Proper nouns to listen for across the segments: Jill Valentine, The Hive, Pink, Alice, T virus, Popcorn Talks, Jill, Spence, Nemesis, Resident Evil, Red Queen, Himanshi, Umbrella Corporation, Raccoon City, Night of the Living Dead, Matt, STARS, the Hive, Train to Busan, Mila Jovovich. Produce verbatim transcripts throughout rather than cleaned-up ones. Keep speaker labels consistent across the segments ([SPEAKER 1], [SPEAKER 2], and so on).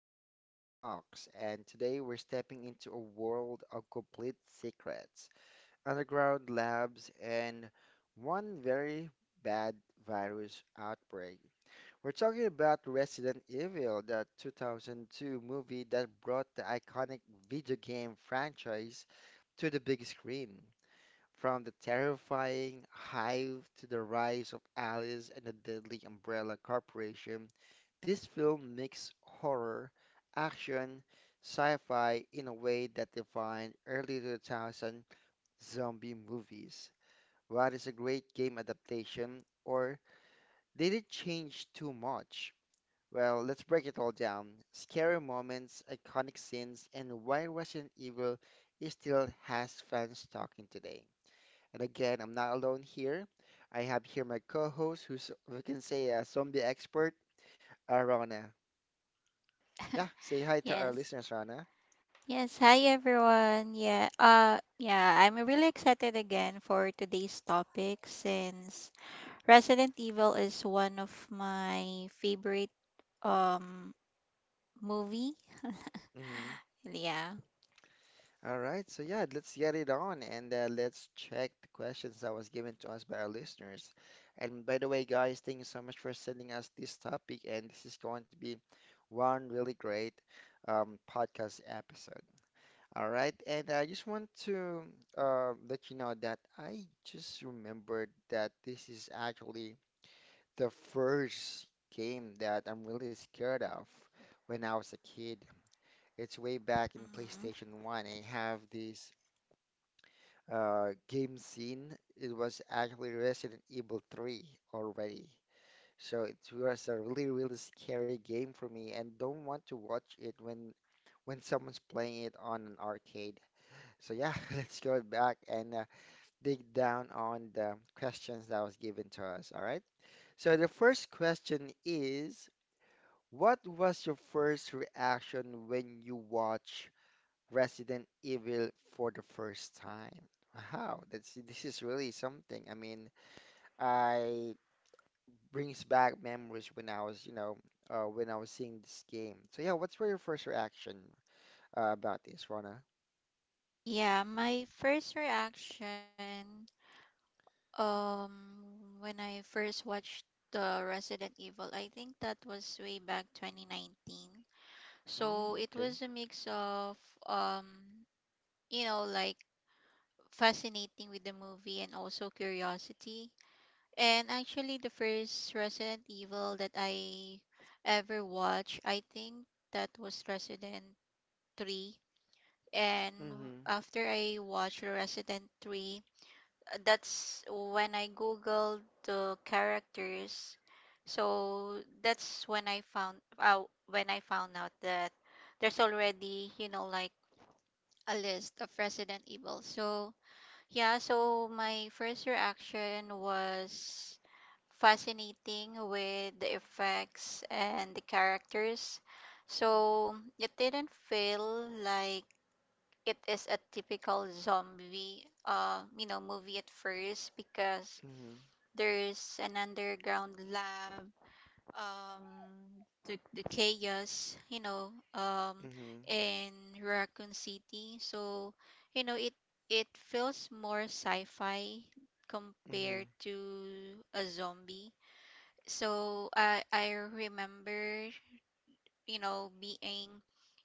[SPEAKER 1] to Popcorn Talks, and today we're stepping into a world of complete secrets, underground labs, and one very bad virus outbreak. We're talking about Resident Evil, the two thousand two movie that brought the iconic video game franchise to the big screen. From the terrifying Hive to the rise of Alice and the deadly Umbrella Corporation, this film mixed horror, action, sci-fi in a way that defined early two thousands zombie movies. What is a great game adaptation, or did it change too much? Well, let's break it all down. Scary moments, iconic scenes, and why Resident Evil still has fans talking today. And again, I'm not alone here. I have here my co-host, who's we can say a zombie expert, uh, Rana. Yeah, say hi to our
[SPEAKER 2] Yes.
[SPEAKER 1] listeners, Rana.
[SPEAKER 2] Yes. Hi, everyone. Yeah. Uh, yeah, I'm really excited again for today's topic since Resident Evil is one of my favorite um movie.
[SPEAKER 1] Mm-hmm.
[SPEAKER 2] Yeah.
[SPEAKER 1] All right, so yeah, let's get it on and uh, let's check the questions that was given to us by our listeners. And by the way, guys, thank you so much for sending us this topic, and this is going to be one really great um, podcast episode. All right, and I just want to uh, let you know that I just remembered that this is actually the first game that I'm really scared of when I was a kid. It's way back in
[SPEAKER 2] Mhm.
[SPEAKER 1] PlayStation one. I have this uh, game scene. It was actually Resident Evil three already. So it was a really, really scary game for me, and don't want to watch it when when someone's playing it on an arcade. So yeah, let's go back and uh, dig down on the questions that was given to us, all right? So the first question is, what was your first reaction when you watch Resident Evil for the first time? Wow, that's this is really something. I mean, I brings back memories when I was, you know, uh, when I was seeing this game. So yeah, what's were your first reaction uh, about this, Rona?
[SPEAKER 2] Yeah, my first reaction um when I first watched the Resident Evil, I think that was way back twenty nineteen.
[SPEAKER 1] Mm,
[SPEAKER 2] So it
[SPEAKER 1] okay.
[SPEAKER 2] was a mix of um you know like fascinating with the movie and also curiosity. And actually, the first Resident Evil that I ever watched, I think that was Resident three. And
[SPEAKER 1] Mm-hmm.
[SPEAKER 2] after I watched Resident three, uh, that's when I googled the characters. So that's when I found out when I found out that there's already, you know, like a list of Resident Evil. So yeah, so my first reaction was fascinating with the effects and the characters. So it didn't feel like it is a typical zombie uh you know movie at first because
[SPEAKER 1] Mm-hmm.
[SPEAKER 2] there's an underground lab, um the, the chaos, you know, um
[SPEAKER 1] Mm-hmm.
[SPEAKER 2] in Raccoon City. So you know it it feels more sci-fi compared
[SPEAKER 1] Mm-hmm.
[SPEAKER 2] to a zombie. So i i remember, you know, being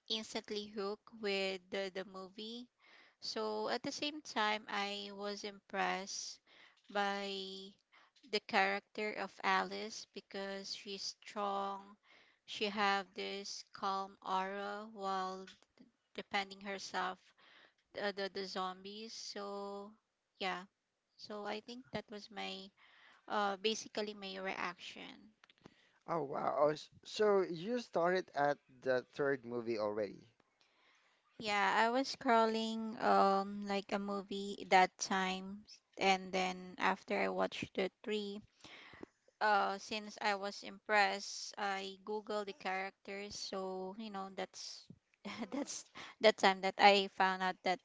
[SPEAKER 2] instantly hooked with the, the movie. So at the same time, I was impressed by the character of Alice because she's strong. She have this calm aura while defending herself the the, the zombies. So yeah. So I think that was my uh basically my reaction.
[SPEAKER 1] Oh wow. Oh, s- so you started at the third movie already.
[SPEAKER 2] Yeah, I was scrolling um like a movie that time, and then after I watched the three, uh since I was impressed, I googled the characters. So you know that's that's that time that I found out that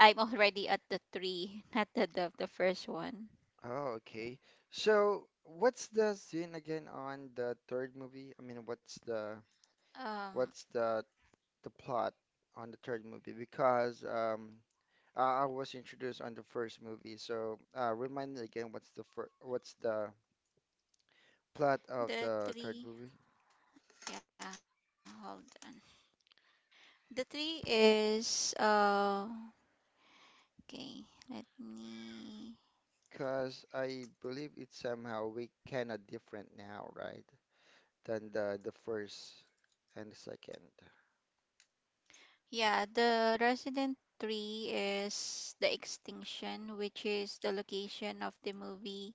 [SPEAKER 2] I'm already at the three, not the the, the first one.
[SPEAKER 1] Oh, okay. So what's the scene again on the third movie? I mean, what's the what's
[SPEAKER 2] Um
[SPEAKER 1] the the plot on the third movie? Because um I, I was introduced on the first movie, so uh remind me again what's the fir what's the plot of the
[SPEAKER 2] the
[SPEAKER 1] third movie?
[SPEAKER 2] three, yeah, hold on. The three is uh okay let me
[SPEAKER 1] Because I believe it's somehow we kinda different now, right? Than the the first and the second.
[SPEAKER 2] Yeah, the Resident three is the extinction, which is the location of the movie,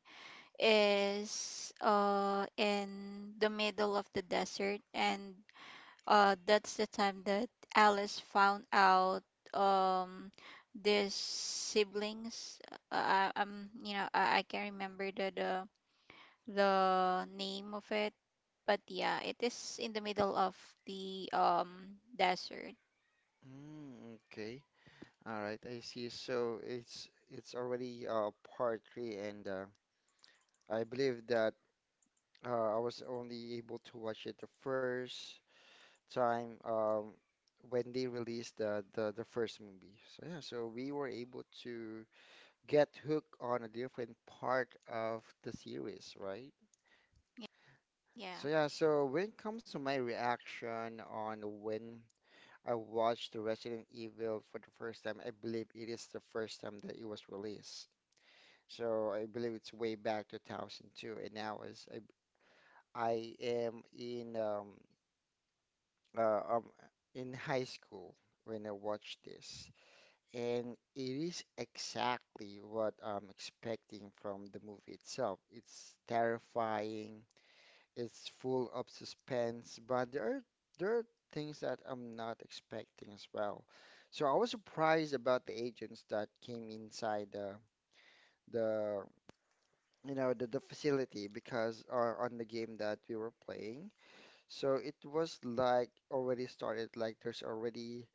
[SPEAKER 2] is uh in the middle of the desert. And uh that's the time that Alice found out, um these siblings. Uh, I, I'm you know, I, I can't remember the, the the name of it, but yeah, it is in the middle of the um desert.
[SPEAKER 1] Mm, okay. All right, I see. So it's it's already uh part three, and uh, I believe that uh, I was only able to watch it the first time um when they released the the, the first movie. So yeah, so we were able to get hooked on a different part of the series, right? So
[SPEAKER 2] Yeah
[SPEAKER 1] yeah, so when it comes to my reaction on when I watched the Resident Evil for the first time. I believe it is the first time that it was released. So I believe it's way back two thousand two, and now is I, I am in um uh, um in high school when I watched this, and it is exactly what I'm expecting from the movie itself. It's terrifying. It's full of suspense, but there are there are things that I'm not expecting as well. So I was surprised about the agents that came inside the the you know the, the facility because uh, on the game that we were playing. So it was like already started like there's already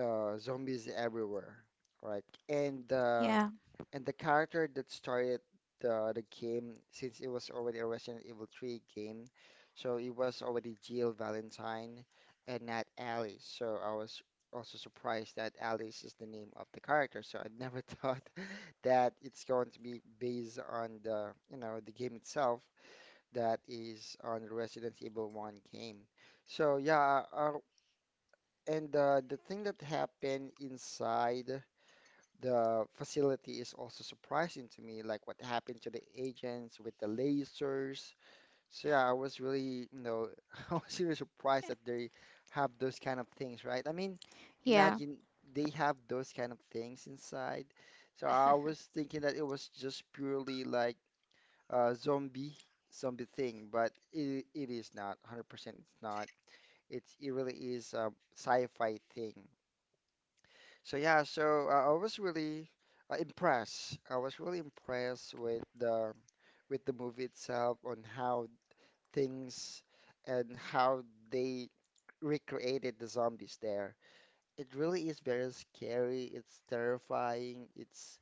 [SPEAKER 1] uh, zombies everywhere, right? And uh,
[SPEAKER 2] Yeah.
[SPEAKER 1] and the character that started the, the game, since it was already a Resident Evil three game, so it was already Jill Valentine and not Alice. So I was also surprised that Alice is the name of the character. So I never thought that it's going to be based on the, you know, the game itself that is on the Resident Evil one game. So yeah, uh, uh, and uh, the thing that happened inside. The facility is also surprising to me, like what happened to the agents with the lasers. So yeah, I was really, you know, I was really surprised that they have those kind of things, right? I mean, imagine
[SPEAKER 2] Yeah,
[SPEAKER 1] they have those kind of things inside. So I was thinking that it was just purely like a zombie zombie thing, but it it is not one hundred percent. It's not. It's it really is a sci-fi thing. So yeah, so uh, I was really uh, impressed. I was really impressed with the with the movie itself on how things and how they recreated the zombies there. It really is very scary. It's terrifying. It's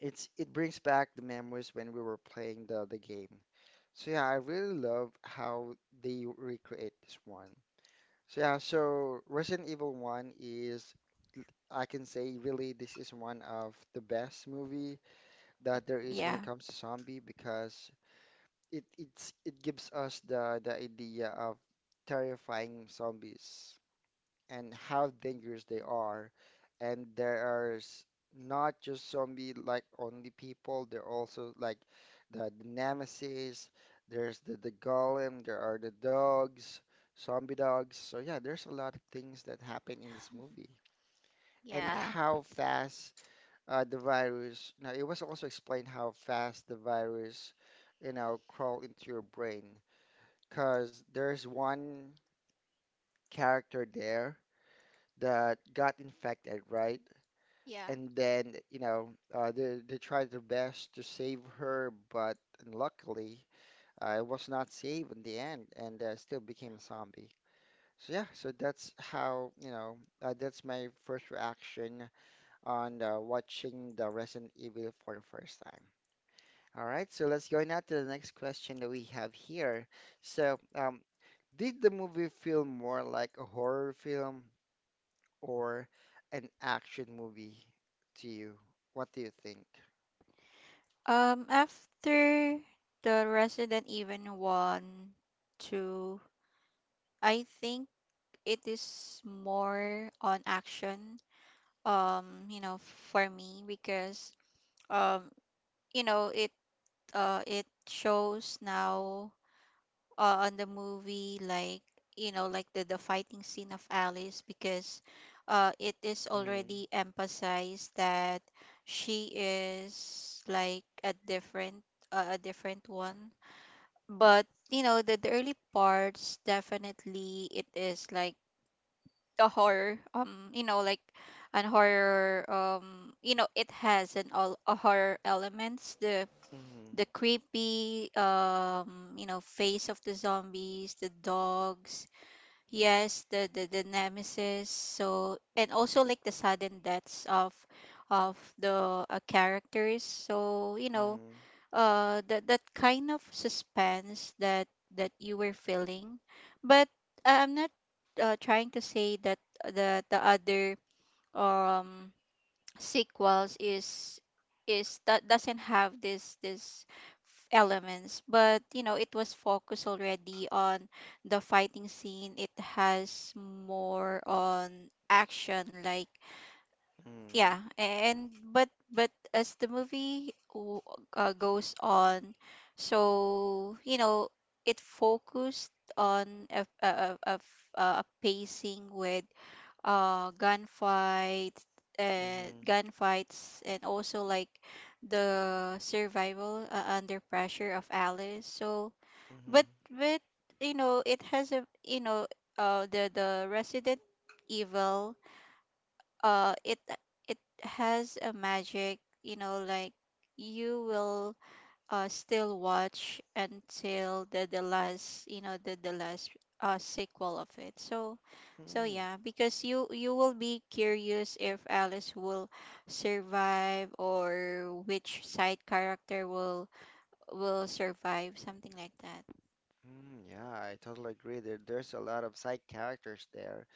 [SPEAKER 1] it's it brings back the memories when we were playing the the game. So yeah, I really love how they recreate this one. So yeah, so Resident Evil one is, I can say, really, this is one of the best movie that there is when it
[SPEAKER 2] yeah,
[SPEAKER 1] comes to zombie because it it's it gives us the the idea of terrifying zombies and how dangerous they are. And there are s- not just zombie like only people. There are also like the, the nemesis, there's the, the golem, there are the dogs, zombie dogs. So yeah, there's a lot of things that happen in this movie. And
[SPEAKER 2] yeah,
[SPEAKER 1] how fast uh, the virus, now it was also explained how fast the virus, you know, crawl into your brain. Because there's one character there that got infected, right?
[SPEAKER 2] yeah.
[SPEAKER 1] And then you know uh, they they tried their best to save her, but luckily uh, it was not saved in the end, and uh, still became a zombie. So yeah, so that's how you know uh, that's my first reaction on uh, watching the Resident Evil for the first time. All right, so let's go now to the next question that we have here. So um, did the movie feel more like a horror film or an action movie to you? What do you think?
[SPEAKER 2] Um, after the Resident Evil one, two, I think it is more on action, um, you know, for me because, um, you know, it, uh, it shows now uh, on the movie like you know like the the fighting scene of Alice, because uh it is
[SPEAKER 1] Mm.
[SPEAKER 2] already emphasized that she is like a different, uh, a different one. But you know the, the early parts definitely it is like the horror, um you know, like an horror, um you know, it has an all a horror elements, the
[SPEAKER 1] Mhm.
[SPEAKER 2] the creepy, um you know, face of the zombies, the dogs, yes, the the, the nemesis. So and also like the sudden deaths of of the uh, characters. So you know,
[SPEAKER 1] Mhm.
[SPEAKER 2] uh that that kind of suspense that that you were feeling. But I- i'm not uh, trying to say that the the other um sequels is is that doesn't have this this f- elements, but you know it was focused already on the fighting scene. It has more on action like,
[SPEAKER 1] Mhm.
[SPEAKER 2] yeah. And but but as the movie w- uh, goes on, so you know it focused on a, a, a, a, f- uh, a pacing with uh gunfight,
[SPEAKER 1] Mhm.
[SPEAKER 2] and
[SPEAKER 1] Mhm.
[SPEAKER 2] gunfights and also like the survival uh, under pressure of Alice. So,
[SPEAKER 1] Mhm.
[SPEAKER 2] but but you know it has a, you know, uh the the Resident Evil, uh it it has a magic, you know, like you will uh, still watch until the the last, you know, the the last uh, sequel of it. So so
[SPEAKER 1] Mhm.
[SPEAKER 2] yeah, because you you will be curious if Alice will survive, or which side character will will survive, something like that.
[SPEAKER 1] Mm, yeah, I totally agree. There, there's a lot of side characters there,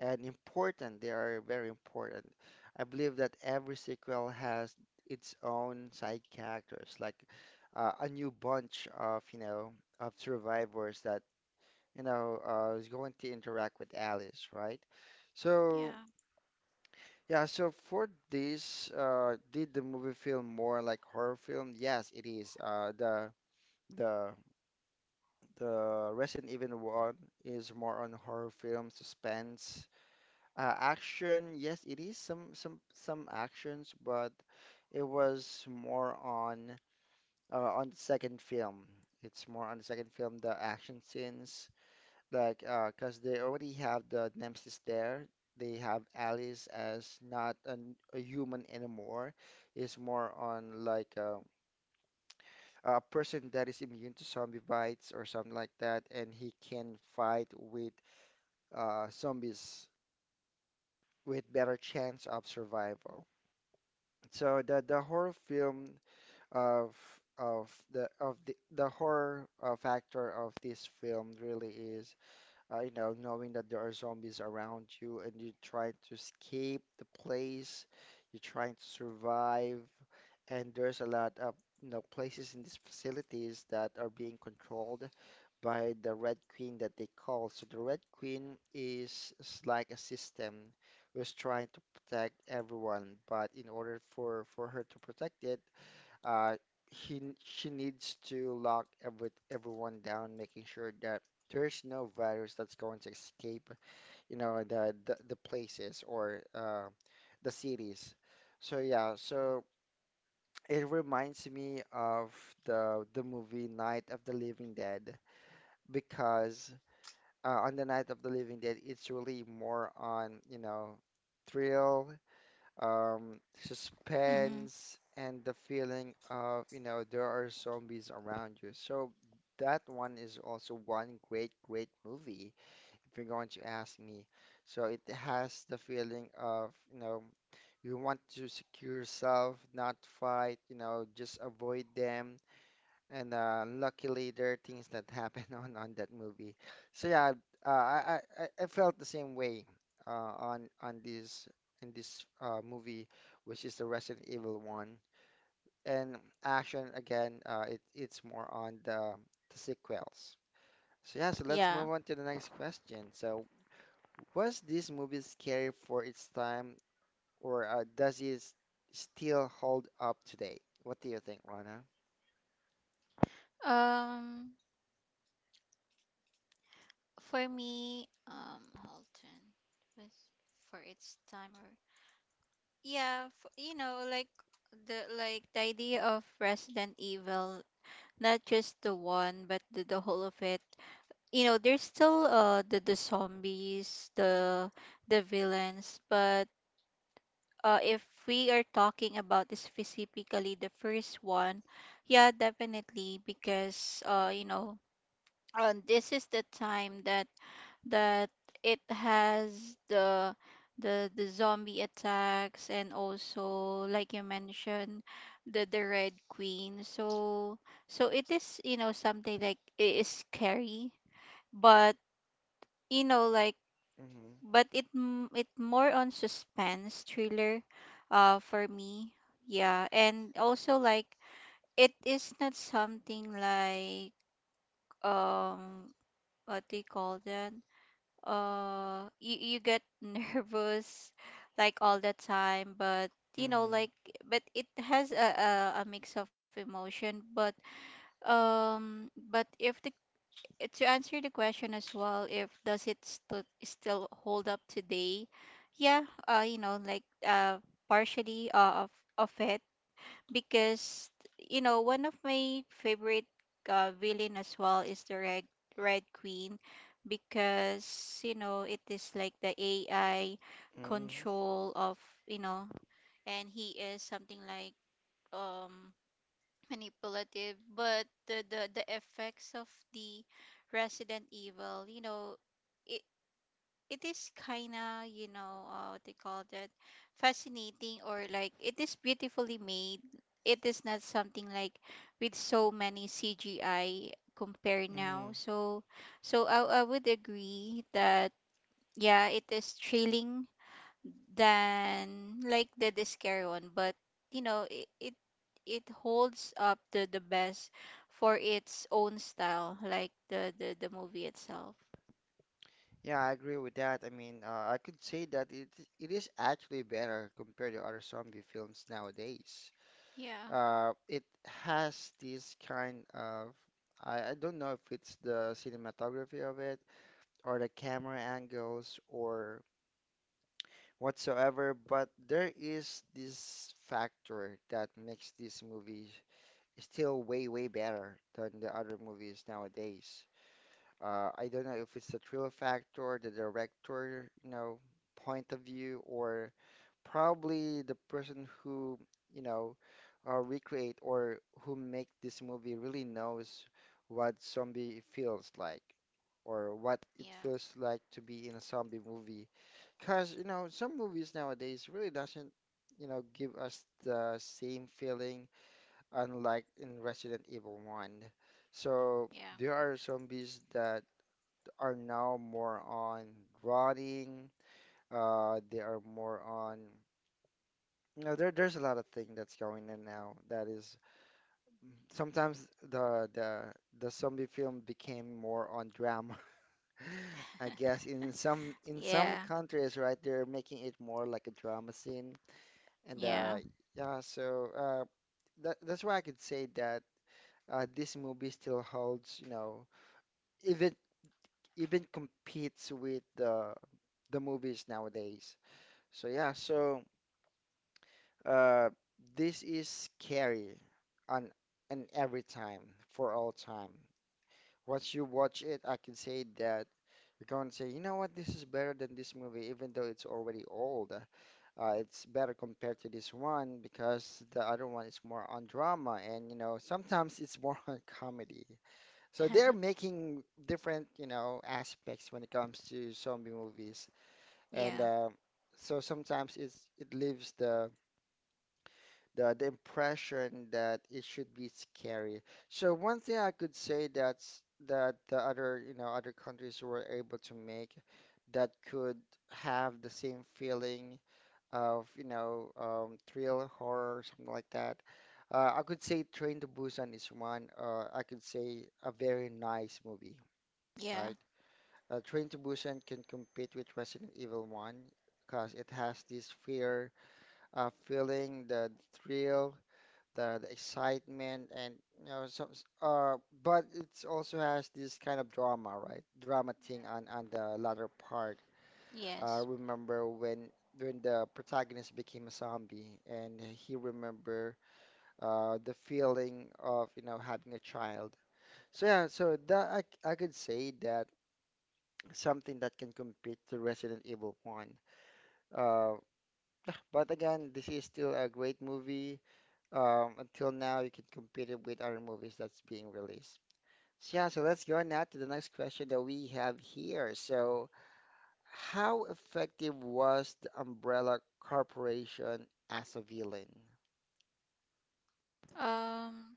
[SPEAKER 1] and important. They are very important. I believe that every sequel has its own side characters, like uh, a new bunch of, you know, of survivors that, you know, uh, is going to interact with Alice, right?
[SPEAKER 2] Yeah.
[SPEAKER 1] So yeah, so for this, uh, did the movie feel more like horror film? Yes, it is. Uh, the the the Resident Evil one is more on horror film, suspense, uh, action. Yes, it is some some some actions, but it was more on uh, on the second film. It's more on the second film, the action scenes like uh, cause they already have the nemesis there. They have Alice as not an, a human anymore. It's more on like um, a person that is immune to zombie bites or something like that, and he can fight with uh, zombies with better chance of survival. So the the horror film of of the of the the horror uh, factor of this film really is uh, you know, knowing that there are zombies around you and you're trying to escape the place, you're trying to survive, and there's a lot of you know places in these facilities that are being controlled by the Red Queen that they call. So the Red Queen is, is like a system who's trying to protect everyone, but in order for for her to protect it, uh, he she needs to lock every everyone down, making sure that there's no virus that's going to escape, you know, the the, the places or uh, the cities. So yeah, so it reminds me of the the movie Night of the Living Dead because uh, on the Night of the Living Dead, it's really more on, you know, thrill um,
[SPEAKER 2] Mm-hmm.
[SPEAKER 1] suspense, and the feeling of, you know, there are zombies around you. So that one is also one great, great movie, if you're going to ask me. So it has the feeling of, you know, you want to secure yourself, not fight, you know, just avoid them and uh, luckily, there are things that happen on on that movie. So yeah, uh, I, I I I felt the same way uh, on on this in this uh, movie, which is the Resident Evil one. And action again, uh, it it's more on the the sequels. So yeah, so let's
[SPEAKER 2] Yeah.
[SPEAKER 1] move on to the next question. So was this movie scary for its time, or uh, does it s- still hold up today? What do you think, Rana?
[SPEAKER 2] Um, for me, um, hold on. Was for its timer. Yeah, f- you know, like the like the idea of Resident Evil, not just the one, but the, the whole of it. You know, there's still uh the the zombies, the the villains, but uh if we are talking about specifically the first one, yeah, definitely. Because uh you know, um, this is the time that that it has the the the zombie attacks, and also like you mentioned the the red queen. So so it is, you know, something like it is scary, but you know like
[SPEAKER 1] Mm-hmm.
[SPEAKER 2] but it m- it more on suspense thriller, uh for me. Yeah. And also like it is not something like, um what do you call that, uh you, you get nervous like all the time. But you know like but it has a, a, a mix of emotion. But um but if the, to answer the question as well, if does it st- still hold up today, yeah, uh you know like, uh partially uh, of of it. Because you know one of my favorite uh, villain as well is the red red queen, because you know it is like the AI
[SPEAKER 1] Mm-hmm.
[SPEAKER 2] control of, you know, and he is something like, um manipulative. But the the, the effects of the Resident Evil, you know, it, it is kind of, you know, uh, what they call that, fascinating, or like it is beautifully made. It is not something like with so many CGI compare now.
[SPEAKER 1] Mm-hmm.
[SPEAKER 2] So so i, I would agree that, yeah, it is thrilling than like the discare one. But you know it, it it holds up the the best for its own style, like the the, the movie itself.
[SPEAKER 1] Yeah, I agree with that. I mean, uh, I could say that it it is actually better compared to other zombie films nowadays.
[SPEAKER 2] Yeah.
[SPEAKER 1] Uh, it has this kind of I, I don't know if it's the cinematography of it, or the camera angles, or whatsoever, but there is this factor that makes this movie still way way better than the other movies nowadays. Uh, I don't know if it's the thrill factor, the director, you know, point of view, or probably the person who, you know, uh, recreate or who make this movie really knows what zombie feels like, or what it
[SPEAKER 2] Yeah.
[SPEAKER 1] feels like to be in a zombie movie. Because, you know, some movies nowadays really doesn't, you know, give us the same feeling unlike in Resident Evil one. So
[SPEAKER 2] Yeah.
[SPEAKER 1] there are zombies that are now more on rotting. Uh, they are more on, you know, there, there's a lot of thing that's going in now. That is sometimes the the the zombie film became more on drama. I guess in some in some
[SPEAKER 2] Yeah,
[SPEAKER 1] countries, right, they're making it more like a drama scene. And
[SPEAKER 2] yeah,
[SPEAKER 1] uh, yeah, so uh, that that's why I could say that uh, this movie still holds, you know, even even competes with the the movies nowadays. So yeah, so. Uh, this is scary on and every time for all time. Once you watch it, I can say that you're going to say, you know what, this is better than this movie, even though it's already old. Uh, it's better compared to this one because the other one is more on drama and, you know, sometimes it's more on comedy. So they're making different, you know, aspects when it comes to zombie movies. And
[SPEAKER 2] yeah,
[SPEAKER 1] uh, so sometimes it's it leaves the the the impression that it should be scary. So one thing I could say that's that the other, you know, other countries were able to make that could have the same feeling of, you know, um, thrill, horror, something like that. Uh, I could say Train to Busan is one. Uh, I could say a very nice movie,
[SPEAKER 2] yeah,
[SPEAKER 1] right? Uh, Train to Busan can compete with Resident Evil one because it has this fear, uh, feeling, the thrill, the, the excitement, and you know some s- uh but it also has this kind of drama, right, drama thing on on the latter part. Uh
[SPEAKER 2] yes.
[SPEAKER 1] remember when when the protagonist became a zombie and he remember uh the feeling of, you know, having a child. So yeah, so that I, c- I could say that something that can compete to Resident Evil one, uh but again, this is still a great movie, um, until now, you can compete it with other movies that's being released. Yeah, so let's go on now to the next question that we have here. So, how effective was the Umbrella Corporation as a villain?
[SPEAKER 2] Um,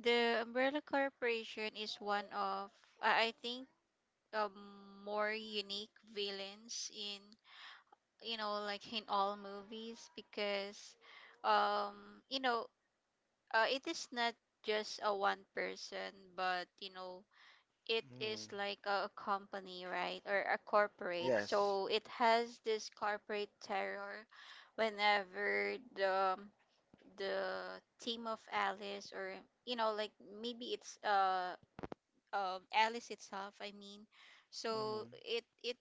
[SPEAKER 2] the Umbrella Corporation is one of, I I think, um, more unique villains in, you know, like in all movies. Because, um, you know, uh, it is not just a one person, but you know, it is
[SPEAKER 1] Hmm.
[SPEAKER 2] like a company, right? Or a corporate.
[SPEAKER 1] Yes.
[SPEAKER 2] So it has this corporate terror whenever the the team of Alice, or you know like maybe it's uh um Alice itself, I mean. So
[SPEAKER 1] Hmm.
[SPEAKER 2] it it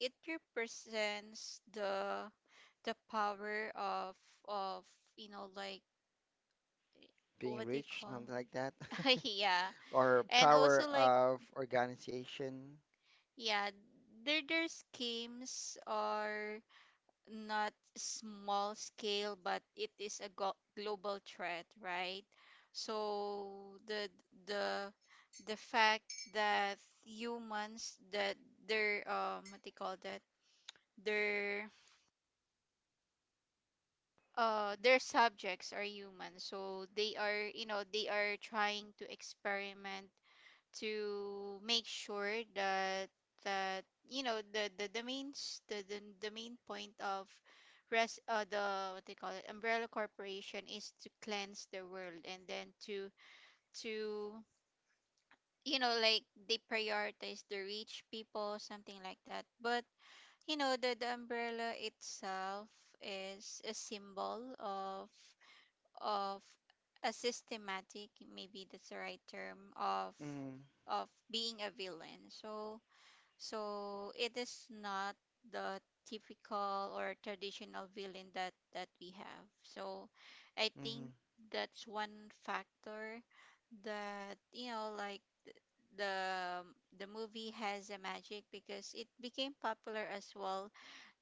[SPEAKER 2] it represents the the power of of you know like,
[SPEAKER 1] Being
[SPEAKER 2] what do you
[SPEAKER 1] rich,
[SPEAKER 2] call,
[SPEAKER 1] something like that.
[SPEAKER 2] yeah.
[SPEAKER 1] Or
[SPEAKER 2] And
[SPEAKER 1] power
[SPEAKER 2] also like,
[SPEAKER 1] of organization.
[SPEAKER 2] yeah, their their schemes are not small scale, but it is a go- global threat, right? So the the the fact that humans that their, um what they call that, their uh their subjects are humans. So they are, you know, they are trying to experiment to make sure that that you know, the the, the, main s- the, the the main point of res uh, the, what they call it, Umbrella Corporation, is to cleanse the world, and then to to you know like they prioritize the rich people, something like that. But you know the, the umbrella itself is a symbol of of a systematic, maybe that's the right term, of
[SPEAKER 1] Hmm.
[SPEAKER 2] of being a villain. So so it is not the typical or traditional villain that that we have. So I think
[SPEAKER 1] Hmm.
[SPEAKER 2] that's one factor that you know like the the movie has a magic, because it became popular as well,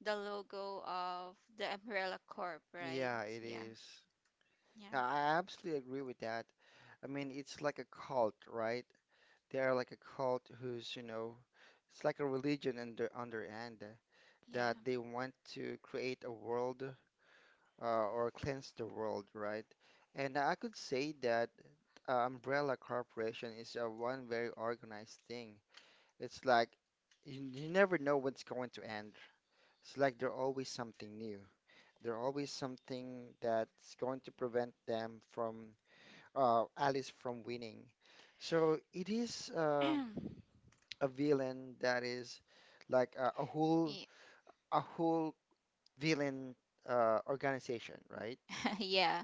[SPEAKER 2] the logo of the umbrella corp, right?
[SPEAKER 1] Yeah, it
[SPEAKER 2] Yeah.
[SPEAKER 1] is.
[SPEAKER 2] Yeah.
[SPEAKER 1] Yeah, I absolutely agree with that. I mean, it's like a cult, right? They are like a cult who's, you know, it's like a religion under under end uh, that
[SPEAKER 2] Yeah.
[SPEAKER 1] they want to create a world, uh, or cleanse the world, right? And I could say that uh, Umbrella Corporation is uh, one very organized thing. It's like you, you never know what's going to end. It's like they're always something new. They're always something that's going to prevent them from uh, Alice from winning. So it is. Uh, a villain that is like a, a whole
[SPEAKER 2] Ye-
[SPEAKER 1] a whole villain, uh, organization, right?
[SPEAKER 2] yeah.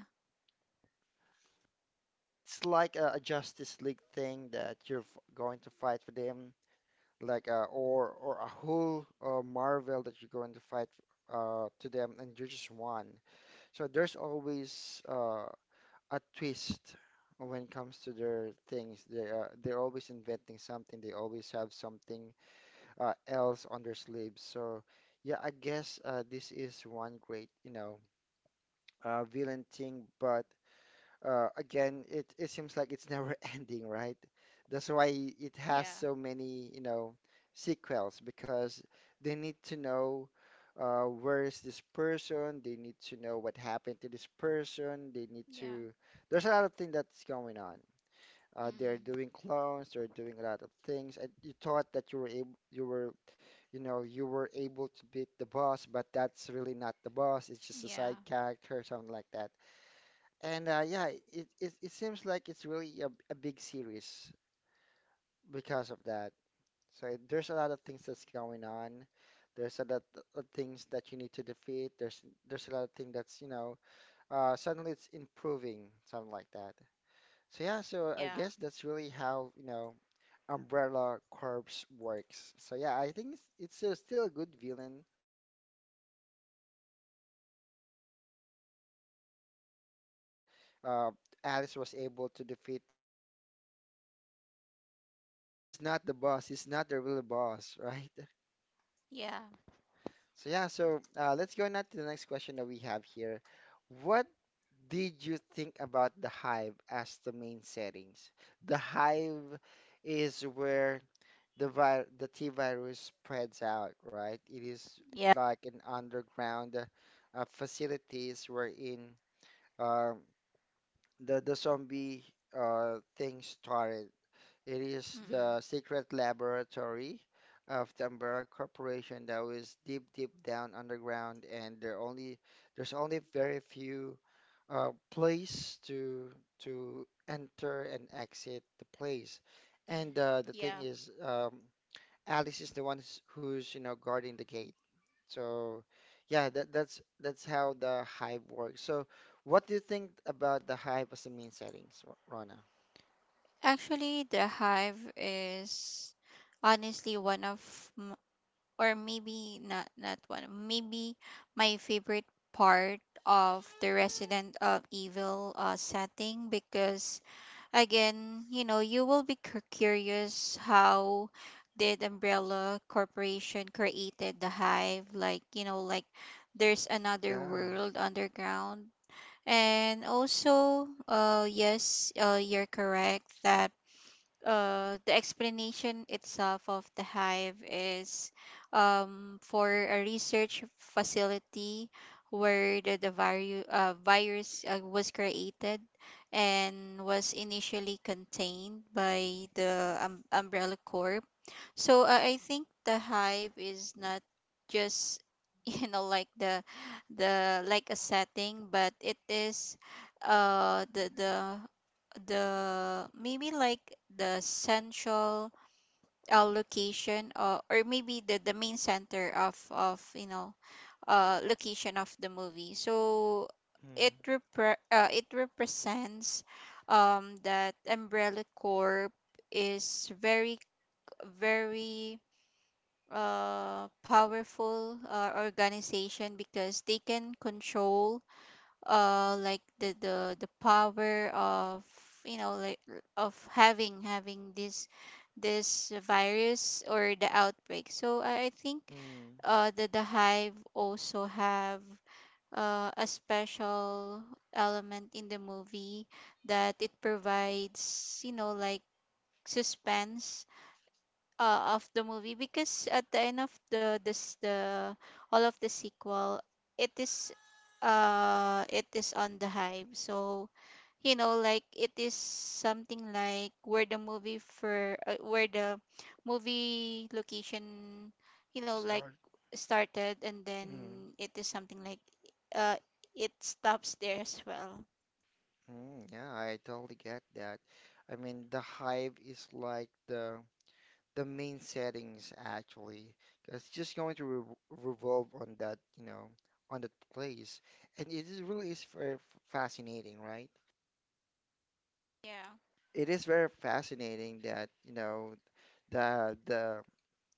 [SPEAKER 1] It's like a, a Justice League thing that you're f going to fight for them, like uh, or or a whole uh, Marvel that you're going to fight uh, to them, and you're just one. So there's always uh, a twist when it comes to their things. They uh, they're always inventing something. They always have something uh, else on their sleeves. So yeah, I guess uh, this is one great, you know, uh, villain thing. But uh, again, it it seems like it's never ending, right? That's why it has
[SPEAKER 2] Yeah,
[SPEAKER 1] so many, you know, sequels because they need to know. Uh, where is this person? They need to know what happened to this person. They need
[SPEAKER 2] yeah.
[SPEAKER 1] to. There's a lot of things that's going on. Uh, they're
[SPEAKER 2] Mm.
[SPEAKER 1] doing clones. They're doing a lot of things. And you thought that you were able, you were you know, you were able to beat the boss, but that's really not the boss. It's just a side
[SPEAKER 2] Yeah,
[SPEAKER 1] character, something like that. And uh, yeah, it, it it seems like it's really a, a big series because of that. So it- there's a lot of things that's going on. There's a lot of things that you need to defeat. There's there's a lot of things that's, you know, uh, suddenly it's improving, something like that. So yeah, so I
[SPEAKER 2] yeah,
[SPEAKER 1] guess that's really how, you know, Umbrella Corps works. So yeah, I think it's, it's still still a good villain uh because of that. Uh, I remember that we thought that uh, Alice was able to defeat the boss, but suddenly he's not the boss. He's not the real boss, right?
[SPEAKER 2] yeah.
[SPEAKER 1] So yeah, so uh, let's go now to the next question that we have here. What did you think about the Hive as the main settings? The Hive is where the vi the T virus spreads out, right? It is
[SPEAKER 2] Yeah.
[SPEAKER 1] like an underground, uh, facilities wherein, um, the the zombie, uh, thing started. It is
[SPEAKER 2] Mm-mm.
[SPEAKER 1] the secret laboratory of the Umbrella Corporation that was deep, deep down underground, and there only there's only very few uh, place to to enter and exit the place. And uh, the thing
[SPEAKER 2] Yeah.
[SPEAKER 1] is, um, Alice is the one who's, who's you know guarding the gate, so, yeah, that that's that's how the Hive works. So, what do you think about the Hive as the main settings, R- Rana?
[SPEAKER 2] Actually, the hive is honestly one of m- or maybe not not one, maybe my favorite part of the Resident of Evil uh, setting. Because again, you know, you will be cu- curious how did Umbrella Corporation created the hive. Like, you know, like there's another
[SPEAKER 1] Yeah.
[SPEAKER 2] world underground. And also, uh yes, uh you're correct that uh, the explanation itself of the hive is, um, for a research facility where the, the viru- uh, virus uh, was created, and was initially contained by the, um, umbrella corp. So uh, I think the hive is not just, you know, like the the like a setting, but it is uh the the the, maybe like the central uh, location, or, or maybe the, the main center of of you know, uh location of the movie. So it
[SPEAKER 1] Mm.
[SPEAKER 2] repre- uh, it represents, um that umbrella corp is very very uh powerful uh, organization, because they can control uh like the the the power of, you know, like, r- of having having this this virus or the outbreak. So i, I think
[SPEAKER 1] Mm.
[SPEAKER 2] uh the, the hive also have uh, a special element in the movie, that it provides, you know, like suspense uh, of the movie. Because at the end of the this the all of the sequel, it is uh it is on the hive. So you know, like, it is something like where the movie for uh, where the movie location, you know like,
[SPEAKER 1] Start.
[SPEAKER 2] started, and then
[SPEAKER 1] Mm.
[SPEAKER 2] it is something like uh it stops there as well.
[SPEAKER 1] Mm, yeah, I totally get that. I mean, the Hive is like the the main settings actually, 'cause it's just going to re revolve on that, you know, on that place, and it is really is very f- fascinating, right?
[SPEAKER 2] Yeah.
[SPEAKER 1] It is very fascinating that, you know, the the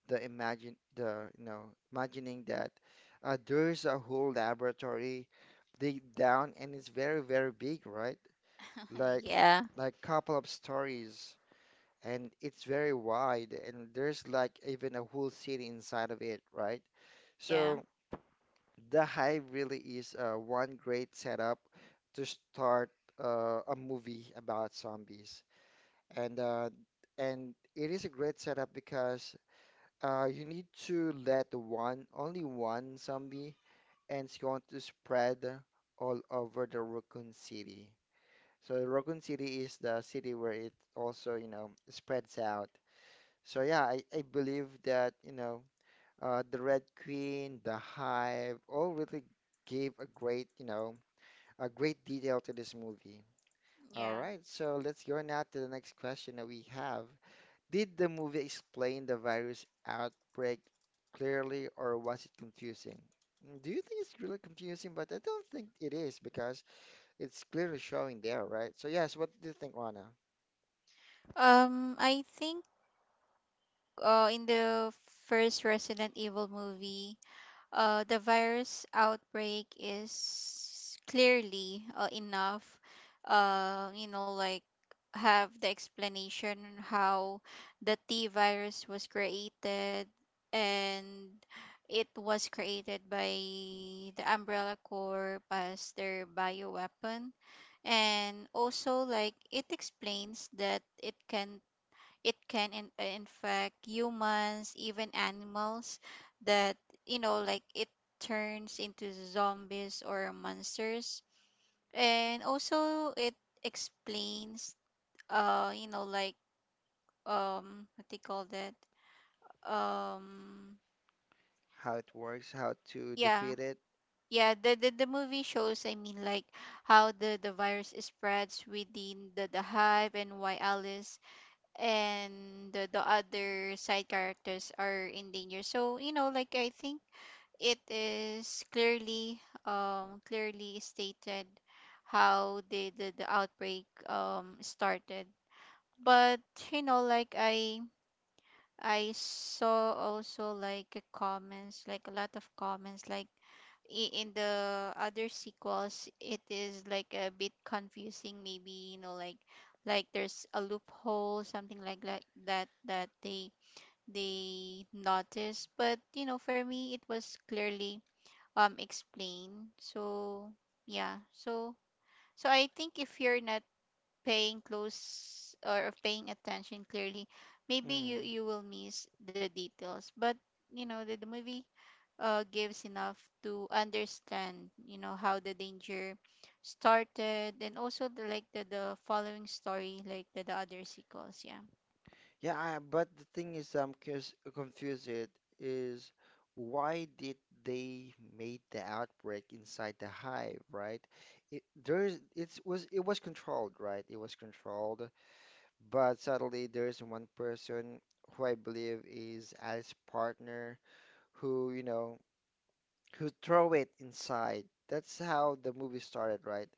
[SPEAKER 1] the imagine the you know imagining that uh, there's a whole laboratory deep down, and it's very very big, right? like
[SPEAKER 2] yeah.
[SPEAKER 1] like couple of stories, and it's very wide, and there's like even a whole city inside of it, right?
[SPEAKER 2] Yeah.
[SPEAKER 1] So the hive really is uh, one great setup to start uh, a movie about zombies, and uh, and it is a great setup because uh, you need to let one, only one zombie, and it's going to spread all over the Raccoon City. So Raccoon City is the city where it also, you know, spreads out. So yeah, I, I believe that, you know, uh, the Red Queen, the Hive, all really gave a great, you know, a great detail to this movie. All
[SPEAKER 2] Yeah.
[SPEAKER 1] right, so let's go now to the next question that we have. Did the movie explain the virus outbreak clearly, or was it confusing? Mm, do you think it's really confusing? But I don't think it is because it's clearly showing there, right? So yes, what do you think, Rana?
[SPEAKER 2] um I think uh, in the first Resident Evil movie, uh, the virus outbreak is clearly uh, enough, uh, you know, like, have the explanation how the T virus was created. And it was created by the Umbrella Corp as their bioweapon. And also, like, it explains that it can it can in, uh, infect humans, even animals that, you know, like it turns into zombies or monsters. And also it explains, uh, you know, like, um, what they call that? Um,
[SPEAKER 1] How it works, how to
[SPEAKER 2] yeah.
[SPEAKER 1] defeat it?
[SPEAKER 2] Yeah, the, the, the movie shows, I mean, like how the, the virus spreads within the, the hive, and why Alice and the, the other side characters are in danger. So you know like I think it is clearly um clearly stated how the the, the outbreak um started. But you know like i I saw also like uh, comments, like a lot of comments, like i- in the other sequels, it is like a bit confusing. Maybe, you know, like like there's a loophole, something like that, that that they they noticed. But you know, for me, it was clearly um explained. So yeah, so so I think if you're not paying close or of paying attention clearly, maybe you
[SPEAKER 1] Mm.
[SPEAKER 2] you will miss the details. But you know, the, the movie uh, gives enough to understand, you know, how the danger started, and also the, like the, the following story, like the, the other sequels. Yeah.
[SPEAKER 1] Yeah, I, but the thing is, I'm curious, confused. It is why did they made the outbreak inside the hive, right? It, there is, it was it was controlled, right? It was controlled. But sadly, there's one person who I believe is Alice's partner who, you know, who throw it inside. That's how the movie started, right?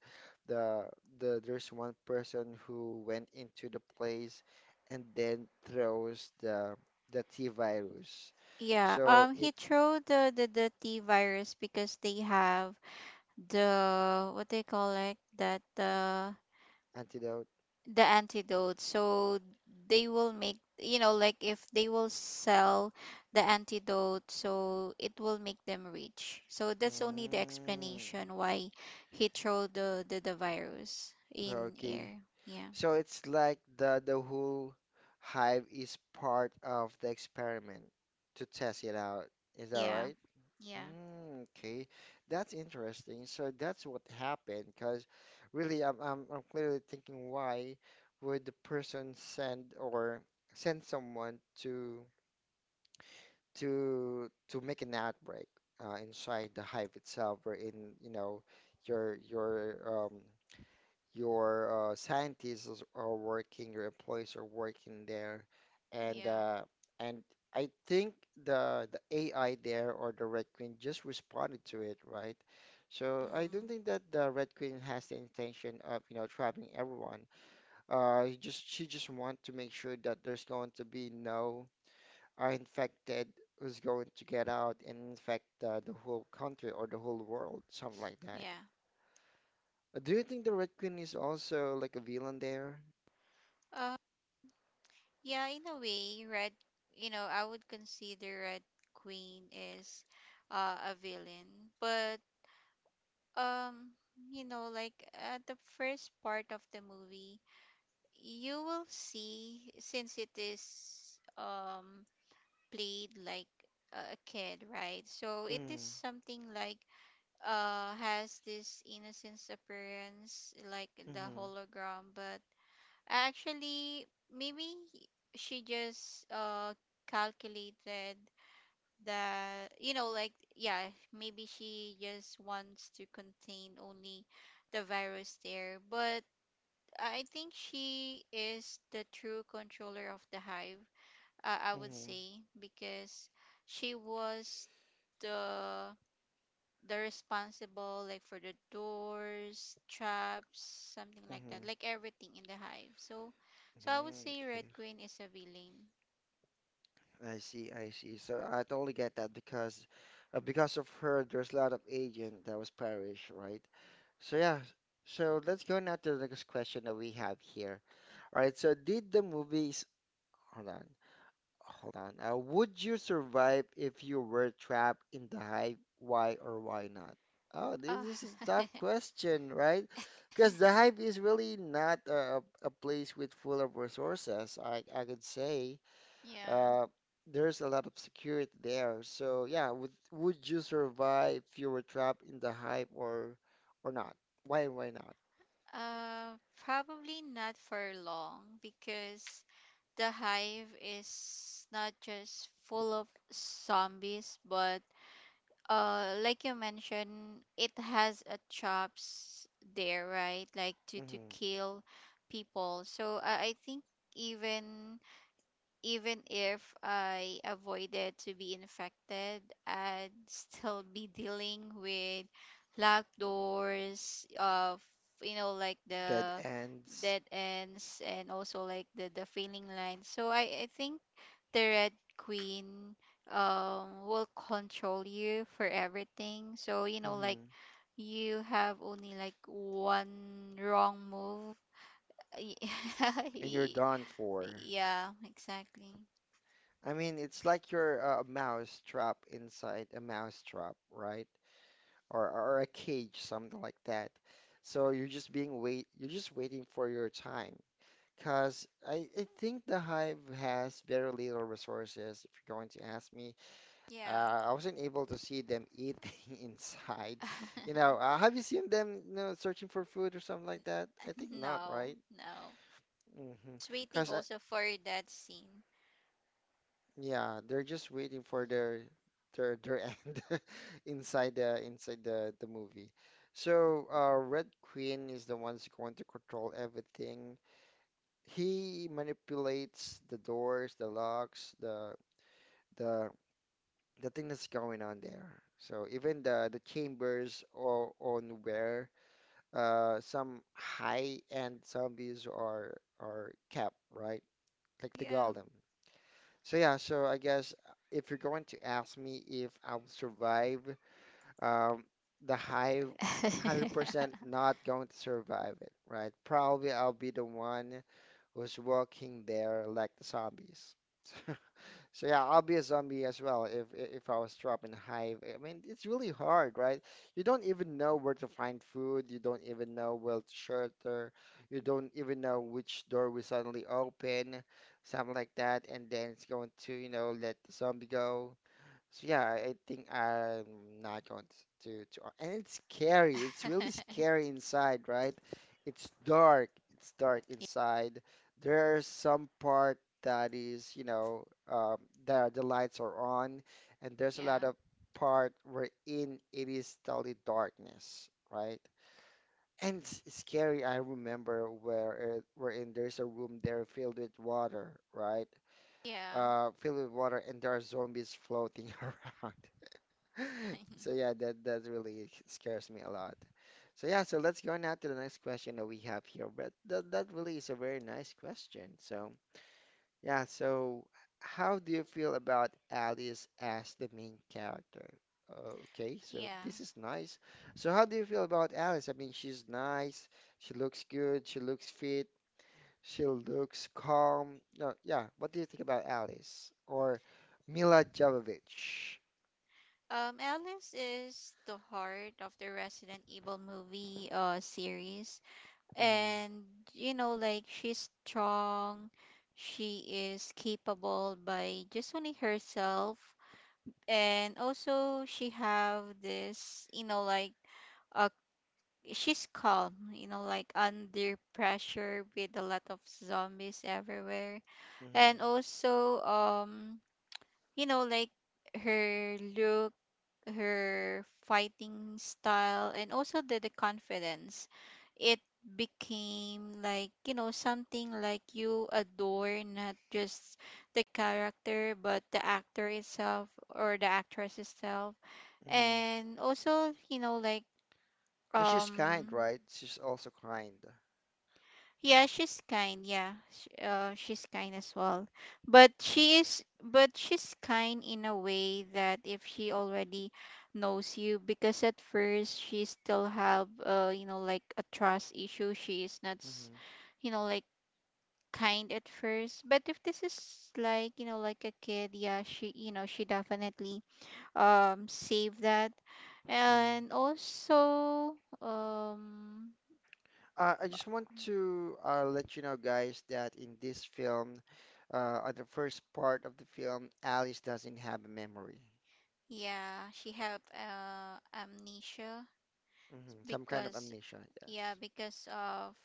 [SPEAKER 1] The the there's one person who went into the place and then throws the the T virus.
[SPEAKER 2] Yeah,
[SPEAKER 1] So
[SPEAKER 2] um he
[SPEAKER 1] it
[SPEAKER 2] threw the the, the T virus because they have the, what they call like that, the
[SPEAKER 1] antidote.
[SPEAKER 2] the antidote. So they will make, you know, like if they will sell the antidote, so it will make them rich. So that's only the
[SPEAKER 1] Mm,
[SPEAKER 2] explanation why he threw the the, the virus in
[SPEAKER 1] okay.
[SPEAKER 2] air. Yeah.
[SPEAKER 1] So it's like the the whole hive is part of the experiment to test it out. Is that
[SPEAKER 2] Yeah.
[SPEAKER 1] right?
[SPEAKER 2] Yeah.
[SPEAKER 1] Mm, okay, that's interesting. So that's what happened. Because really, I'm, I'm I'm clearly thinking why would the person send or send someone to to to make an outbreak uh, inside the hive itself, or in you know your your um your uh, scientists is- are working, your employees are working there, and
[SPEAKER 2] Yeah.
[SPEAKER 1] uh, and I think the the A I there or the Red Queen just responded to it, right? So I
[SPEAKER 2] Mm,
[SPEAKER 1] don't think that the Red Queen has the intention of, you know, trapping everyone. Uh, he just she just want to make sure that there's going to be no uh, infected who's going to get out and infect uh, the whole country or the whole world, something like that.
[SPEAKER 2] yeah.
[SPEAKER 1] Uh, Do you think the Red Queen is also like a villain there?
[SPEAKER 2] uh yeah, in a way, red you know, I would consider Red Queen is uh, a villain. But um you know, like at the first part of the movie, you will see, since it is um played like a kid, right? So it is
[SPEAKER 1] Mm.
[SPEAKER 2] something like uh has this innocence appearance, like the
[SPEAKER 1] Mm-hmm.
[SPEAKER 2] hologram. But actually, maybe she just uh calculated that, you know, like yeah, maybe she just wants to contain only the virus there. But I think she is the true controller of the hive, uh, I would
[SPEAKER 1] Mm-hmm.
[SPEAKER 2] say, because she was the the responsible, like for the doors, traps, something like
[SPEAKER 1] Mm-hmm.
[SPEAKER 2] that, like everything in the hive. So so I would
[SPEAKER 1] Mm-hmm.
[SPEAKER 2] say Red
[SPEAKER 1] Okay,
[SPEAKER 2] Queen is a villain.
[SPEAKER 1] I see, I see. So I totally get that because, uh, because of her, there's a lot of agent that was perished, right? So yeah, so let's go now to the next question that we have here. All right, so did the movies, hold on. Hold on. Uh, would you survive if you were trapped in the hive? Why or why not? Oh, this,
[SPEAKER 2] Oh.
[SPEAKER 1] this is a tough question, right? Because the hive is really not a, a place with full of resources. I, I could say
[SPEAKER 2] Yeah.
[SPEAKER 1] uh, there's a lot of security there. So yeah, would would you survive if you were trapped in the hive or or not? Why or why not?
[SPEAKER 2] Uh, Probably not for long, because the hive is not just full of zombies, but uh, like you mentioned, it has a chops there, right? Like to to
[SPEAKER 1] Hmm
[SPEAKER 2] kill people. So I I think even even if I avoided to be infected, I'd still be dealing with locked doors, of you know like
[SPEAKER 1] Dead
[SPEAKER 2] the
[SPEAKER 1] ends.
[SPEAKER 2] dead ends, and also like the the failing lines. So I I think the Red Queen um will control you for everything. So you know, like
[SPEAKER 1] Hmm
[SPEAKER 2] you have only like one wrong move.
[SPEAKER 1] And you're done for.
[SPEAKER 2] Yeah, exactly.
[SPEAKER 1] I mean, it's like you're uh, a mouse trap inside a mouse trap, right? Or or a cage, something like that. So you're just being wait, you're just waiting for your time. Cause I, I think the hive has very little resources. If you're going to ask me,
[SPEAKER 2] Yeah.
[SPEAKER 1] uh, I wasn't able to see them eating inside. You know, uh, have you seen them, you know, searching for food or something like that? I think not,
[SPEAKER 2] No,
[SPEAKER 1] right?
[SPEAKER 2] no.
[SPEAKER 1] Mm-hmm.
[SPEAKER 2] It's waiting
[SPEAKER 1] Cause
[SPEAKER 2] also for that scene.
[SPEAKER 1] yeah, they're just waiting for their their their end inside the inside the the movie. So, uh, Red Queen is the one's going to control everything. He manipulates the doors, the locks, the the the thing that's going on there. So even the the chambers or on where uh some high-end zombies are are kept, right? Like the
[SPEAKER 2] Yeah.
[SPEAKER 1] golem. So yeah, so I guess uh, if you're going to ask me if I will survive, um, the high one hundred percent not going to survive it, right? Probably I'll be the one who's walking there like the zombies. So yeah, I'll be a zombie as well if if I was trapped in a hive. I mean, it's really hard, right? You don't even know where to find food. You don't even know where to shelter. You don't even know which door will suddenly open, something like that. And then it's going to, you know, let the zombie go. So yeah, I I think I'm not going t- to to, uh, and it's scary. It's really scary inside, right? It's dark. It's dark inside. There are some part that is, you know, um, that the lights are on, and there's a lot
[SPEAKER 2] Yeah.
[SPEAKER 1] of part wherein it is totally darkness, right? And it's it's scary. I remember where uh, wherein there's a room there filled with water, right?
[SPEAKER 2] Yeah.
[SPEAKER 1] Uh, filled with water, and there are zombies floating around. So yeah, that that really scares me a lot. So yeah, so let's go now to the next question that we have here. But that that really is a very nice question. So yeah, so how do you feel about Alice as the main character? Okay, so
[SPEAKER 2] Yeah.
[SPEAKER 1] this is nice. So how do you feel about Alice? I mean, she's nice. She looks good. She looks fit. She looks calm. No, yeah. What do you think about Alice or Mila Jovovich?
[SPEAKER 2] Um, Alice is the heart of the Resident Evil movie uh series.
[SPEAKER 1] Hmm
[SPEAKER 2] And you know, like she's strong, she is capable by just only herself. And also she have this, you know, like a she's calm, you know, like under pressure with a lot of zombies everywhere.
[SPEAKER 1] hmm
[SPEAKER 2] And also, um, you know, like her look, her fighting style, and also the, the confidence. It became like, you know, something like you adore not just the character, but the actor itself, or the actress itself.
[SPEAKER 1] hmm
[SPEAKER 2] And also, you know, like,
[SPEAKER 1] And she's kind,
[SPEAKER 2] um,
[SPEAKER 1] right? She's also kind.
[SPEAKER 2] Yeah, she's kind. Yeah, sh uh, she's kind as well. But she is, but she's kind in a way that if she already knows you, because at first she still have, uh, you know, like a trust issue. She is not, s-
[SPEAKER 1] Hmm
[SPEAKER 2] you know, like kind at first. But if this is like, you know, like a kid, yeah, she, you know, she definitely um save that,
[SPEAKER 1] hmm
[SPEAKER 2] and also um.
[SPEAKER 1] Uh, I just want to uh, let you know, guys, that in this film, uh, on the first part of the film, Alice doesn't have a memory.
[SPEAKER 2] Yeah, she have uh, amnesia,
[SPEAKER 1] Hmm Some kind of
[SPEAKER 2] because
[SPEAKER 1] amnesia,
[SPEAKER 2] yeah,
[SPEAKER 1] yes.
[SPEAKER 2] because of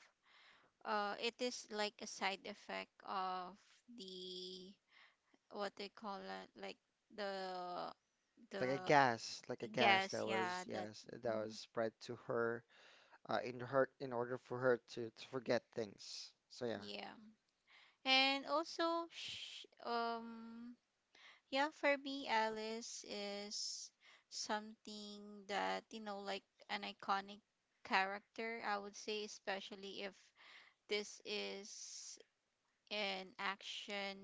[SPEAKER 2] uh it is like a side effect of the, what they call it, like the
[SPEAKER 1] Like a
[SPEAKER 2] the
[SPEAKER 1] gas, like a gas
[SPEAKER 2] gas,
[SPEAKER 1] that was,
[SPEAKER 2] yeah, that
[SPEAKER 1] yes, that was
[SPEAKER 2] mhm,
[SPEAKER 1] spread to her uh, in her in order for her to, to forget things. So yeah.
[SPEAKER 2] yeah. And also sh um yeah, for me Alice is something that, you know, like an iconic character, I would say, especially if this is an action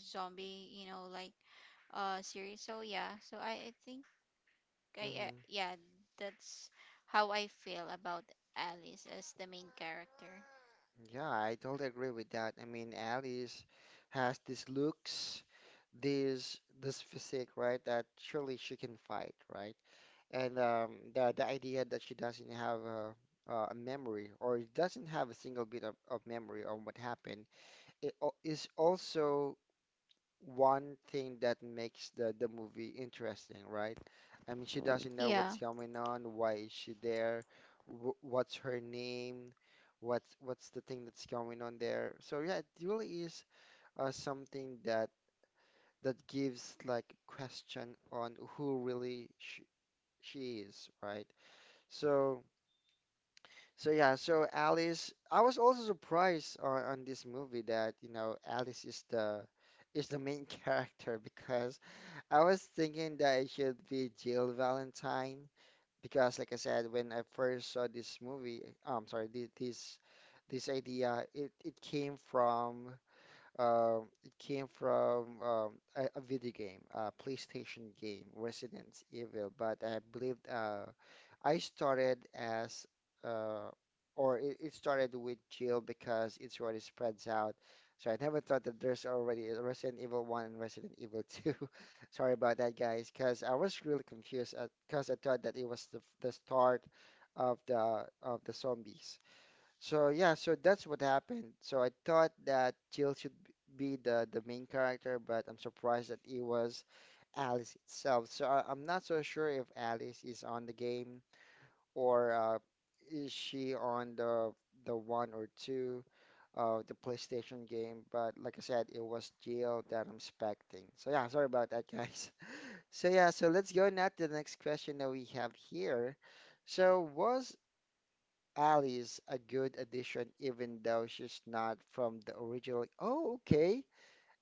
[SPEAKER 2] zombie, you know, like uh series. So yeah, so I, I think I uh,
[SPEAKER 1] hmm
[SPEAKER 2] yeah, that's how I feel about Alice as the main character.
[SPEAKER 1] Yeah, I totally agree with that. I mean, Alice has these looks, this this physique, right? That surely she can fight, right? And um, the the idea that she doesn't have a, a memory or doesn't have a single bit of, of memory on what happened, it al- is also one thing that makes the the movie interesting, right? I mean, she doesn't
[SPEAKER 2] Yeah.
[SPEAKER 1] know what's going on, why is she there, wh what's her name, what's what's the thing that's going on there. So yeah, it really is uh, something that that gives like a question on who really sh she is, right? So, so yeah, so Alice, I was also surprised on, on this movie that, you know, Alice is the is the main character because I was thinking that it should be Jill Valentine because like I said, when I first saw this movie, I'm sorry, thi- this this idea, it, it came from um, it came from um, a, a video game, a PlayStation game, Resident Evil. But I believe uh, I started as, uh, or it, it started with Jill because it's already spreads out. So I never thought that there's already a Resident Evil one and Resident Evil two. Sorry about that, guys, because I was really confused because I thought that it was the, the start of the of the zombies. So yeah, so that's what happened. So I thought that Jill should b- be the the main character, but I'm surprised that it was Alice itself. So I, I'm not so sure if Alice is on the game or uh, is she on the the one or two of the PlayStation game. But like I said, it was Jill that I'm expecting. So yeah, sorry about that, guys. So yeah, so let's go now to the next question that we have here. So was Allie's a good addition, even though she's not from the original. Oh, okay.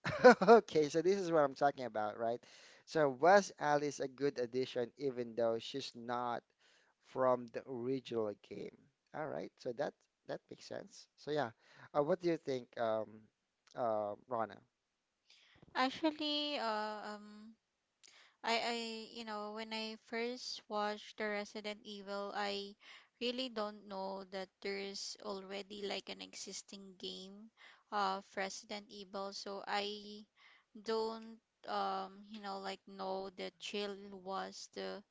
[SPEAKER 1] Okay, so this is what I'm talking about, right? So was Alice a good addition, even though she's not from the original game? All right, so that that makes sense. So yeah, uh, what do you think, um, uh, Rana?
[SPEAKER 2] Actually, uh, um I I you know, when I first watched the Resident Evil, I really don't know that there's already like an existing game of Resident Evil. So I don't um you know, like know that Jill was the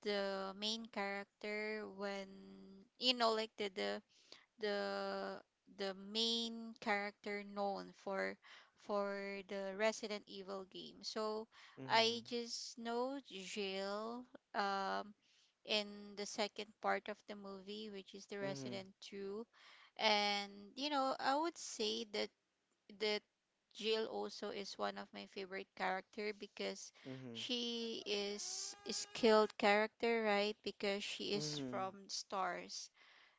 [SPEAKER 2] the main character, when you know like the the the the main character known for for the Resident Evil game. So
[SPEAKER 1] Mm-hmm.
[SPEAKER 2] I just know Jill um in the second part of the movie, which is the
[SPEAKER 1] Mm-hmm.
[SPEAKER 2] Resident two. And you know, I would say that the Jill also is one of my favorite character, because
[SPEAKER 1] Mm-hmm.
[SPEAKER 2] she is a skilled character, right? Because she is
[SPEAKER 1] Mm-hmm.
[SPEAKER 2] from stars.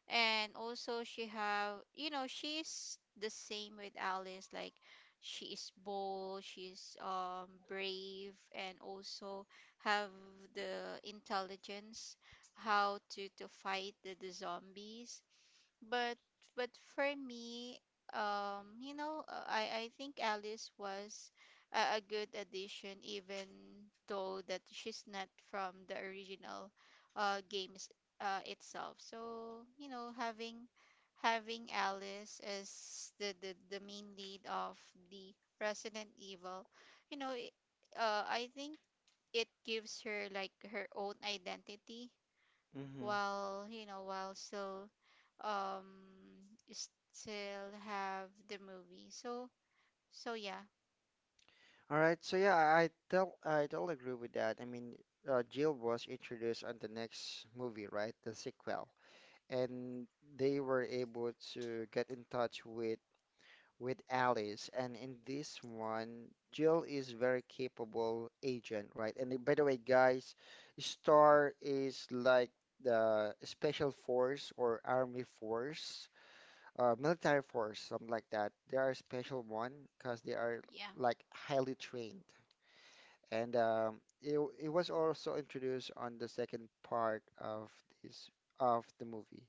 [SPEAKER 2] And also she have, you know, she's the same with Alice, like she is bold, she's um brave, and also have the intelligence how to to fight the, the zombies. but but for me, um, you know, uh, I I think Alice was a, a good addition, even though that she's not from the original uh games uh itself. So, you know, having having Alice as the, the, the main lead of the Resident Evil, you know, it, uh I think it gives her like her own identity,
[SPEAKER 1] Mm-hmm.
[SPEAKER 2] while you know, while still um still have the movie. So so yeah.
[SPEAKER 1] All right, so yeah, I I tell I totally agree with that. I mean, uh, Jill was introduced on the next movie, right? The sequel, and they were able to get in touch with with Alice. And in this one, Jill is very capable agent, right? And by the way, guys, Star is like the special force or army force, uh, military force, something like that. They are a special one because they are
[SPEAKER 2] Yeah.
[SPEAKER 1] like highly trained and um, it w- it was also introduced on the second part of this of the movie.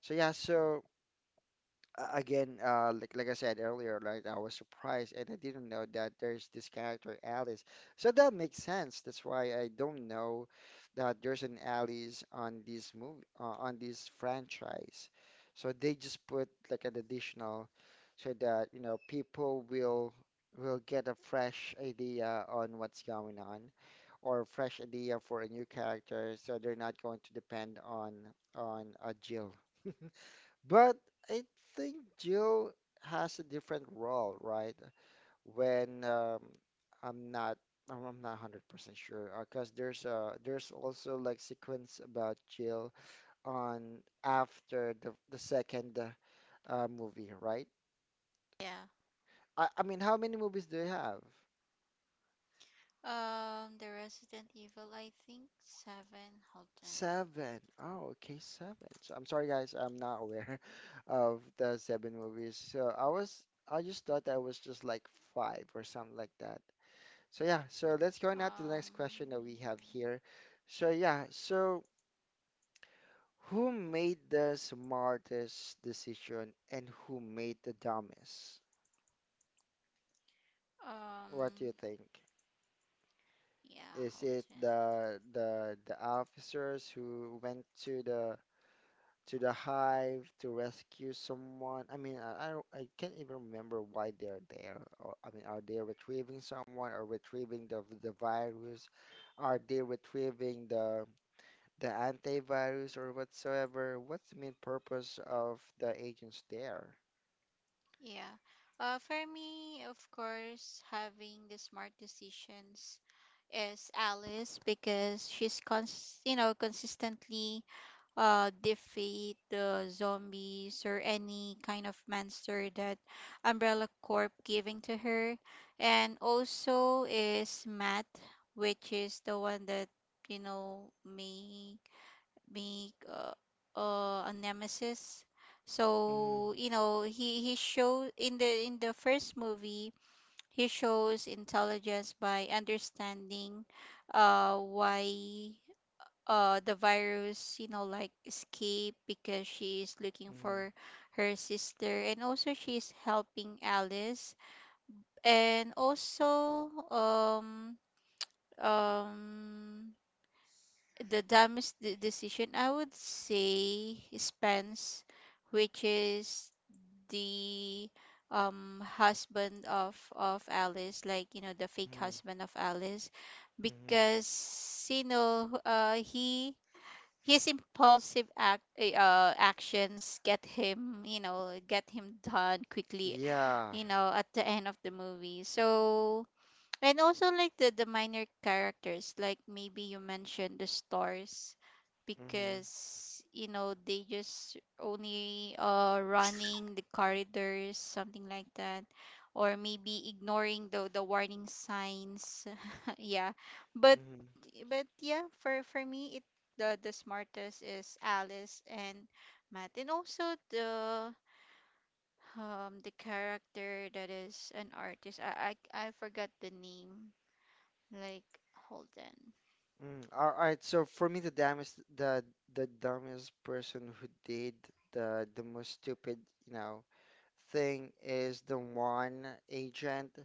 [SPEAKER 1] So yeah, so uh, again, uh, like like I said earlier, like I was surprised and I didn't know that there's this character Alice. So that makes sense. That's why I don't know that there's an Alice on this movie uh, on this franchise. So they just put like an additional so that you know people will will get a fresh idea on what's going on or fresh idea for a new character, so they're not going to depend on on uh, Jill. But I think Jill has a different role, right? When um, I'm not, I'm I'm not one hundred percent sure, because there's uh there's also like sequence about Jill on after the the second uh movie, right?
[SPEAKER 2] Yeah.
[SPEAKER 1] I I mean, how many movies do you have?
[SPEAKER 2] um The Resident Evil, I think seven. Hold on.
[SPEAKER 1] Seven. Oh, okay, seven. So I'm sorry, guys, I'm not aware of the seven movies. So I was, I just thought I was just like five or something like that. So yeah, so
[SPEAKER 2] um
[SPEAKER 1] let's go now to the next question that we have here. So yeah, so who made the smartest decision and who made the dumbest? What
[SPEAKER 2] um
[SPEAKER 1] do you think?
[SPEAKER 2] yeah, hold
[SPEAKER 1] Is it
[SPEAKER 2] on.
[SPEAKER 1] the the the officers who went to the to the hive to rescue someone? I mean, I, I don't, I can't even remember why they're there. Or, I mean, are they retrieving someone or retrieving the the virus? Are they retrieving the the antivirus or whatsoever? What's the main purpose of the agents there?
[SPEAKER 2] Yeah, uh for me, of course, having the smart decisions is Alice, because she's cons you know, consistently uh defeat the zombies or any kind of monster that Umbrella Corp giving to her. And also is Matt, which is the one that you know make make uh, uh, a Nemesis.
[SPEAKER 1] Mm-hmm.
[SPEAKER 2] So you know, he he shows in the in the first movie, he shows intelligence by understanding uh why uh the virus, you know, like escape, because she is looking
[SPEAKER 1] Mm-hmm.
[SPEAKER 2] for her sister, and also she's helping Alice. And also um um the dumbest de- decision, I would say, Spence, which is the um husband of of Alice, like you know, the fake husband of Alice.
[SPEAKER 1] Mm-hmm.
[SPEAKER 2] Because you know, uh he, his impulsive act eh, uh, actions get him, you know, get him done quickly,
[SPEAKER 1] Yeah.
[SPEAKER 2] you know, at the end of the movie. So and also like the, the minor characters, like maybe you mentioned the stars,
[SPEAKER 1] Mm-hmm.
[SPEAKER 2] because you know, they just only uh running the corridors, something like that. Or maybe ignoring the the warning signs. Yeah. But
[SPEAKER 1] Mm-hmm.
[SPEAKER 2] but yeah, for for me, it the the smartest is Alice and Matt. And also the um the character that is an artist. I I, I forgot the name, like Holden.
[SPEAKER 1] Mm. All right, so for me, the dumbest, the the dumbest person who did the the most stupid, you know, thing is the one agent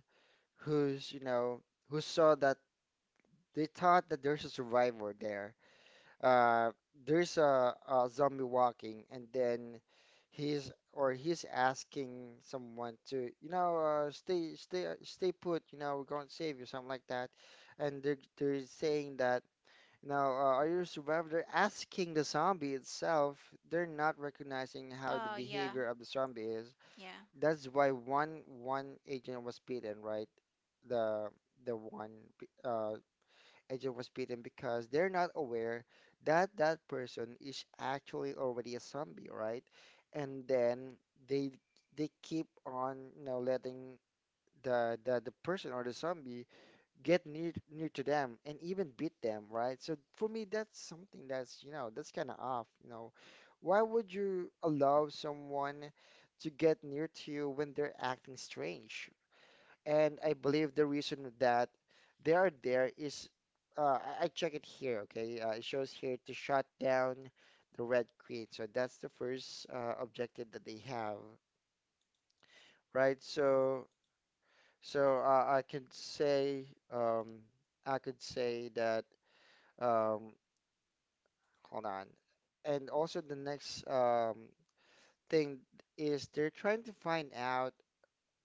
[SPEAKER 1] who's, you know, who saw that they thought that there's a survivor there. Uh, there's a, a zombie walking, and then he's or he's asking someone to, you know, uh, stay, stay, uh, stay put. You know, we're going to save you, something like that. And they're they're saying that. Now, uh, are you a survivor? They're asking the zombie itself. They're not recognizing how the
[SPEAKER 2] Oh yeah,
[SPEAKER 1] behavior of the zombie is.
[SPEAKER 2] yeah,
[SPEAKER 1] That's why one one agent was beaten, right? The the one b- uh, agent was beaten because they're not aware that that person is actually already a zombie, right? And then they they keep on, you know, letting the the, the person or the zombie get near near to them and even beat them, right? So for me, that's something that's, you know, that's kind of off, you know. Why would you allow someone to get near to you when they're acting strange? And I believe the reason that they are there is, uh, I, I check it here, okay? Uh, it shows here to shut down the Red Queen. So that's the first uh, objective that they have, right? So, so uh, I could say, um, I could say that. Um, hold on. And also the next um, thing is they're trying to find out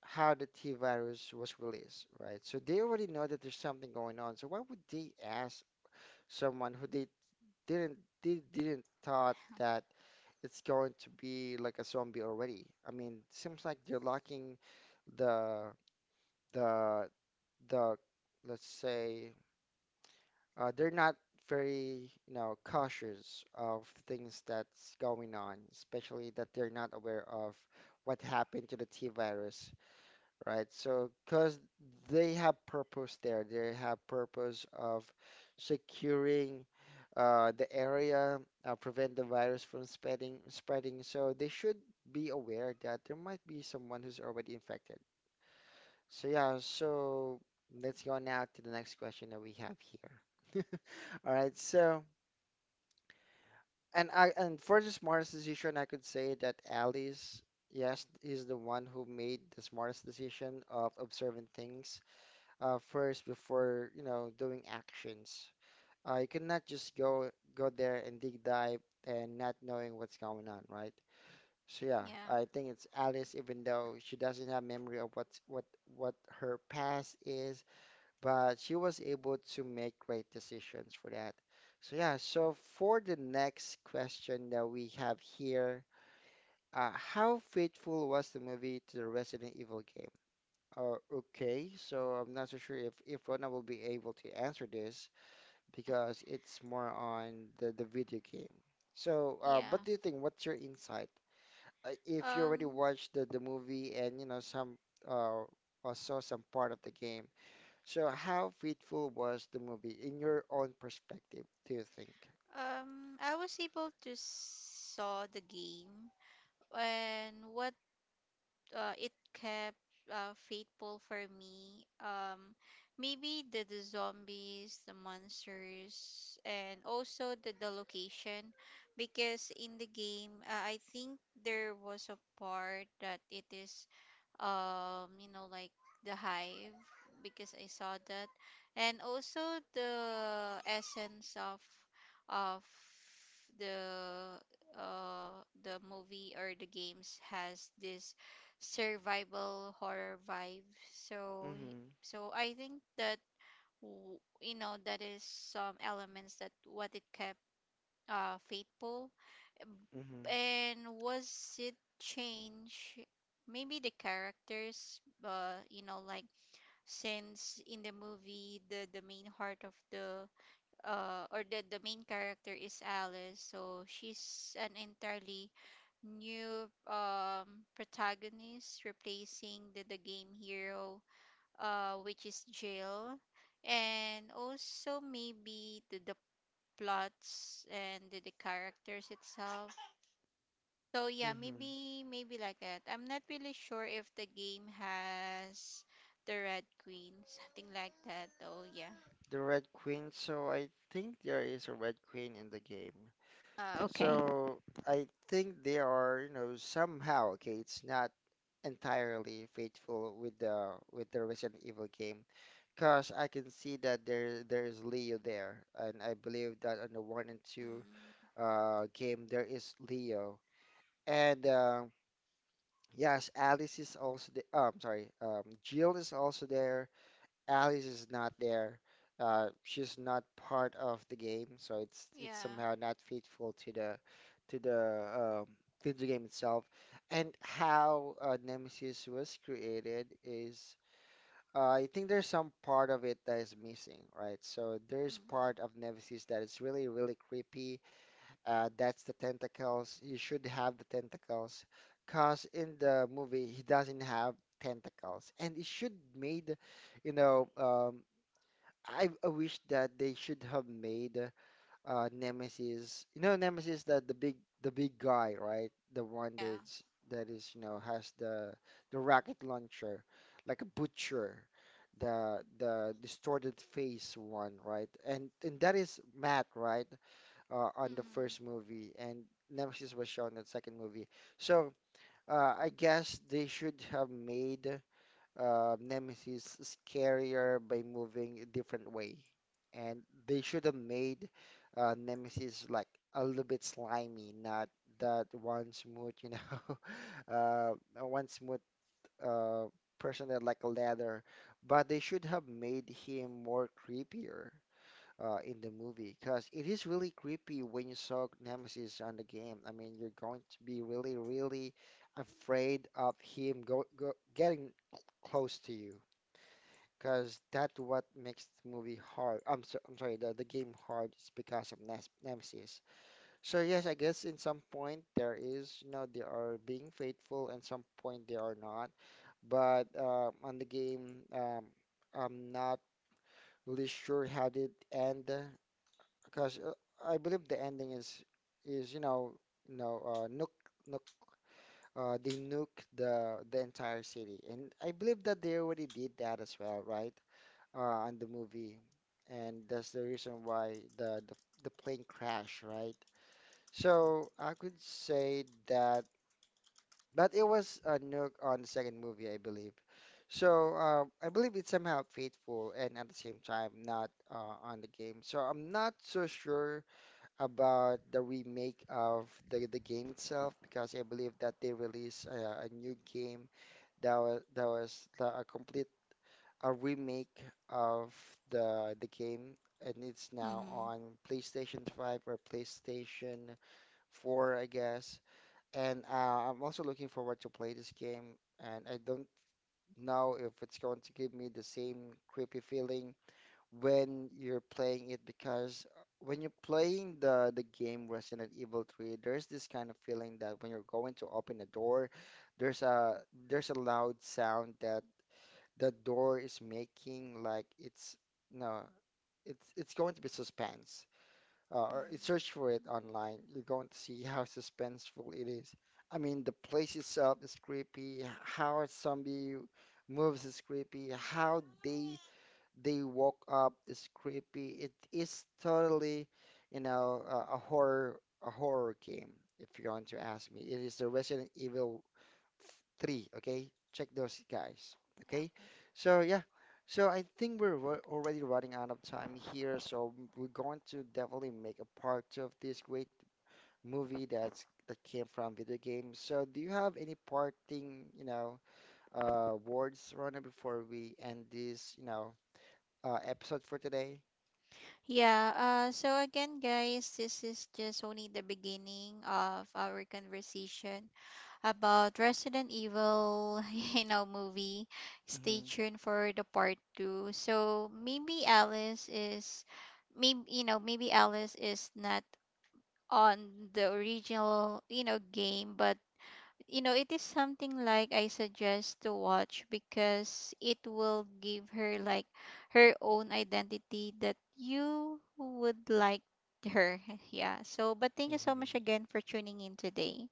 [SPEAKER 1] how the T virus was released, right? So they already know that there's something going on. So why would they ask someone who they didn't they didn't thought that it's going to be like a zombie already? I mean, seems like they're locking the the the let's say Uh, they're not very, you know, cautious of things that's going on, especially that they're not aware of what happened to the T virus, right? So, because they have purpose there, they have purpose of securing uh, the area, uh, prevent the virus from spreading, spreading. So they should be aware that there might be someone who's already infected. So yeah, so let's go now to the next question that we have here. All right, so and I and for the smartest decision, I could say that Alice, yes, is the one who made the smartest decision of observing things uh, first before, you know, doing actions. Uh, you cannot just go go there and dig dive and not knowing what's going on, right? So yeah,
[SPEAKER 2] yeah,
[SPEAKER 1] I think it's Alice, even though she doesn't have memory of what's what what her past is, but she was able to make great decisions for that. So yeah, so for the next question that we have here, uh, how faithful was the movie to the Resident Evil game? Uh, okay, so I'm not so sure if if Rona will be able to answer this because it's more on the the video game. So, uh,
[SPEAKER 2] yeah.
[SPEAKER 1] what do you think? What's your insight? Uh, if you already
[SPEAKER 2] Um,
[SPEAKER 1] watched the the movie and you know some uh, or saw some part of the game, so, how faithful was the movie in your own perspective, do you think?
[SPEAKER 2] um, I was able to saw the game, and what uh, it kept uh, faithful for me. Um, maybe the, the zombies, the monsters, and also the, the location, because in the game, uh, I think there was a part that it is um you know, like the hive, because I saw that. And also the essence of of the uh the movie or the games has this survival horror vibe. So
[SPEAKER 1] Mm-hmm.
[SPEAKER 2] so I think that w- you know, that is some elements that what it kept uh faithful.
[SPEAKER 1] Mm-hmm.
[SPEAKER 2] And was it change, maybe the characters, uh you know, like since in the movie the the main heart of the uh or the the main character is Alice, so she's an entirely new um protagonist, replacing the the game hero, uh which is Jill. And also maybe the the plots, and the, the characters itself. So yeah,
[SPEAKER 1] Mm-hmm.
[SPEAKER 2] maybe maybe like that. I'm not really sure if the game has the Red Queen, something like that though, yeah.
[SPEAKER 1] The Red Queen, so I think there is a Red Queen in the game.
[SPEAKER 2] Uh, okay.
[SPEAKER 1] So I think they are, you know, somehow, okay, it's not entirely faithful with the with the Resident Evil game, because I can see that there there is Leo there, and I believe that on the one and two
[SPEAKER 2] Mm,
[SPEAKER 1] uh game there is Leo. And uh, yes, Alice is also the um sorry, um Jill is also there. Alice is not there. Uh she's not part of the game, so it's it's
[SPEAKER 2] yeah.
[SPEAKER 1] somehow not faithful to the to the um to the game itself. And how uh, Nemesis was created is, uh, I think there's some part of it that is missing, right? So there's part
[SPEAKER 2] Mm-hmm.
[SPEAKER 1] of Nemesis that is really, really creepy, uh, that's the tentacles. He should have the tentacles, cause in the movie he doesn't have tentacles, and it should made, you know, um, I, I wish that they should have made uh Nemesis. You know, Nemesis that the big the big guy, right? The one
[SPEAKER 2] Yeah.
[SPEAKER 1] that's that is, you know, has the the rocket launcher, like a butcher. The the distorted face one, right? And and that is Matt, right? Uh, on the
[SPEAKER 2] Mm-hmm.
[SPEAKER 1] first movie, and Nemesis was shown in the second movie. So, uh, I guess they should have made uh, Nemesis scarier by moving a different way, and they should have made uh, Nemesis like a little bit slimy, not that one smooth, you know, uh, one smooth uh, person that like a ladder, but they should have made him more creepier uh, in the movie because it is really creepy when you saw Nemesis on the game. I mean, you're going to be really, really afraid of him go, go getting close to you because that's what makes the movie hard. I'm, so, I'm sorry, the, the game hard is because of Nes Nemesis. So yes, I guess in some point there is, you know, they are being faithful and some point they are not. But uh, on the game, um, I'm not really sure how did it end because, uh, I believe the ending is is you know you know uh, nuke nuke uh, they nuke the the entire city, and I believe that they already did that as well, right? Uh, on the movie, and that's the reason why the the, the plane crashed, right? So I could say that, but it was a nuke on the second movie, I believe. So, uh, I believe it's somehow faithful and at the same time not uh, on the game. So I'm not so sure about the remake of the the game itself because I believe that they released a, a new game that was that was the, a complete a remake of the the game and it's now
[SPEAKER 2] Mm-hmm.
[SPEAKER 1] on PlayStation five or PlayStation four, I guess. And uh, I'm also looking forward to play this game, and I don't know if it's going to give me the same creepy feeling when you're playing it because, uh, when you're playing the the game Resident Evil three, there's this kind of feeling that when you're going to open a door, there's a there's a loud sound that the door is making like it's, no, it's it's going to be suspense. Uh, or it-
[SPEAKER 2] Mm-hmm.
[SPEAKER 1] search for it online. You're going to see how suspenseful it is. I mean, the place itself is creepy. How a zombie moves is creepy. How they they woke up. It's creepy. It is totally, you know, uh, a, a horror a horror game. If you're going to ask me, it is the Resident Evil three. Okay, check those guys. Okay,
[SPEAKER 2] Okay.
[SPEAKER 1] so yeah, so I think we're ru- already running out of time here. So we're going to definitely make a part two of this great movie that's that came from video games. So do you have any parting, you know, uh, words, Rona, before we end this, you know, uh, episode for today?
[SPEAKER 2] Yeah, uh, so again, guys, this is just only the beginning of our conversation about Resident Evil, you know, movie. Stay
[SPEAKER 1] Mm-hmm.
[SPEAKER 2] tuned for the part two. So maybe Alice is, maybe you know, maybe Alice is not on the original, you know, game, but you know, it is something like I suggest to watch, because it will give her like her own identity that you would like her. Yeah. So, but thank you so
[SPEAKER 1] Mm-hmm.
[SPEAKER 2] much again for tuning in today.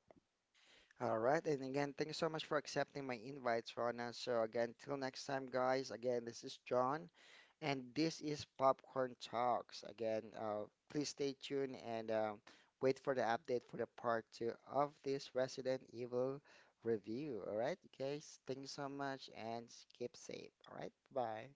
[SPEAKER 1] All right. And again, thank you so much for accepting my invites, Rona. So, again, till next time, guys. Again, this is John, and this is Popcorn Talks. Again, uh, please stay tuned and um, wait for the update for the part two of this Resident Evil review. All right, guys. Thank you so much and keep safe. All right. Bye.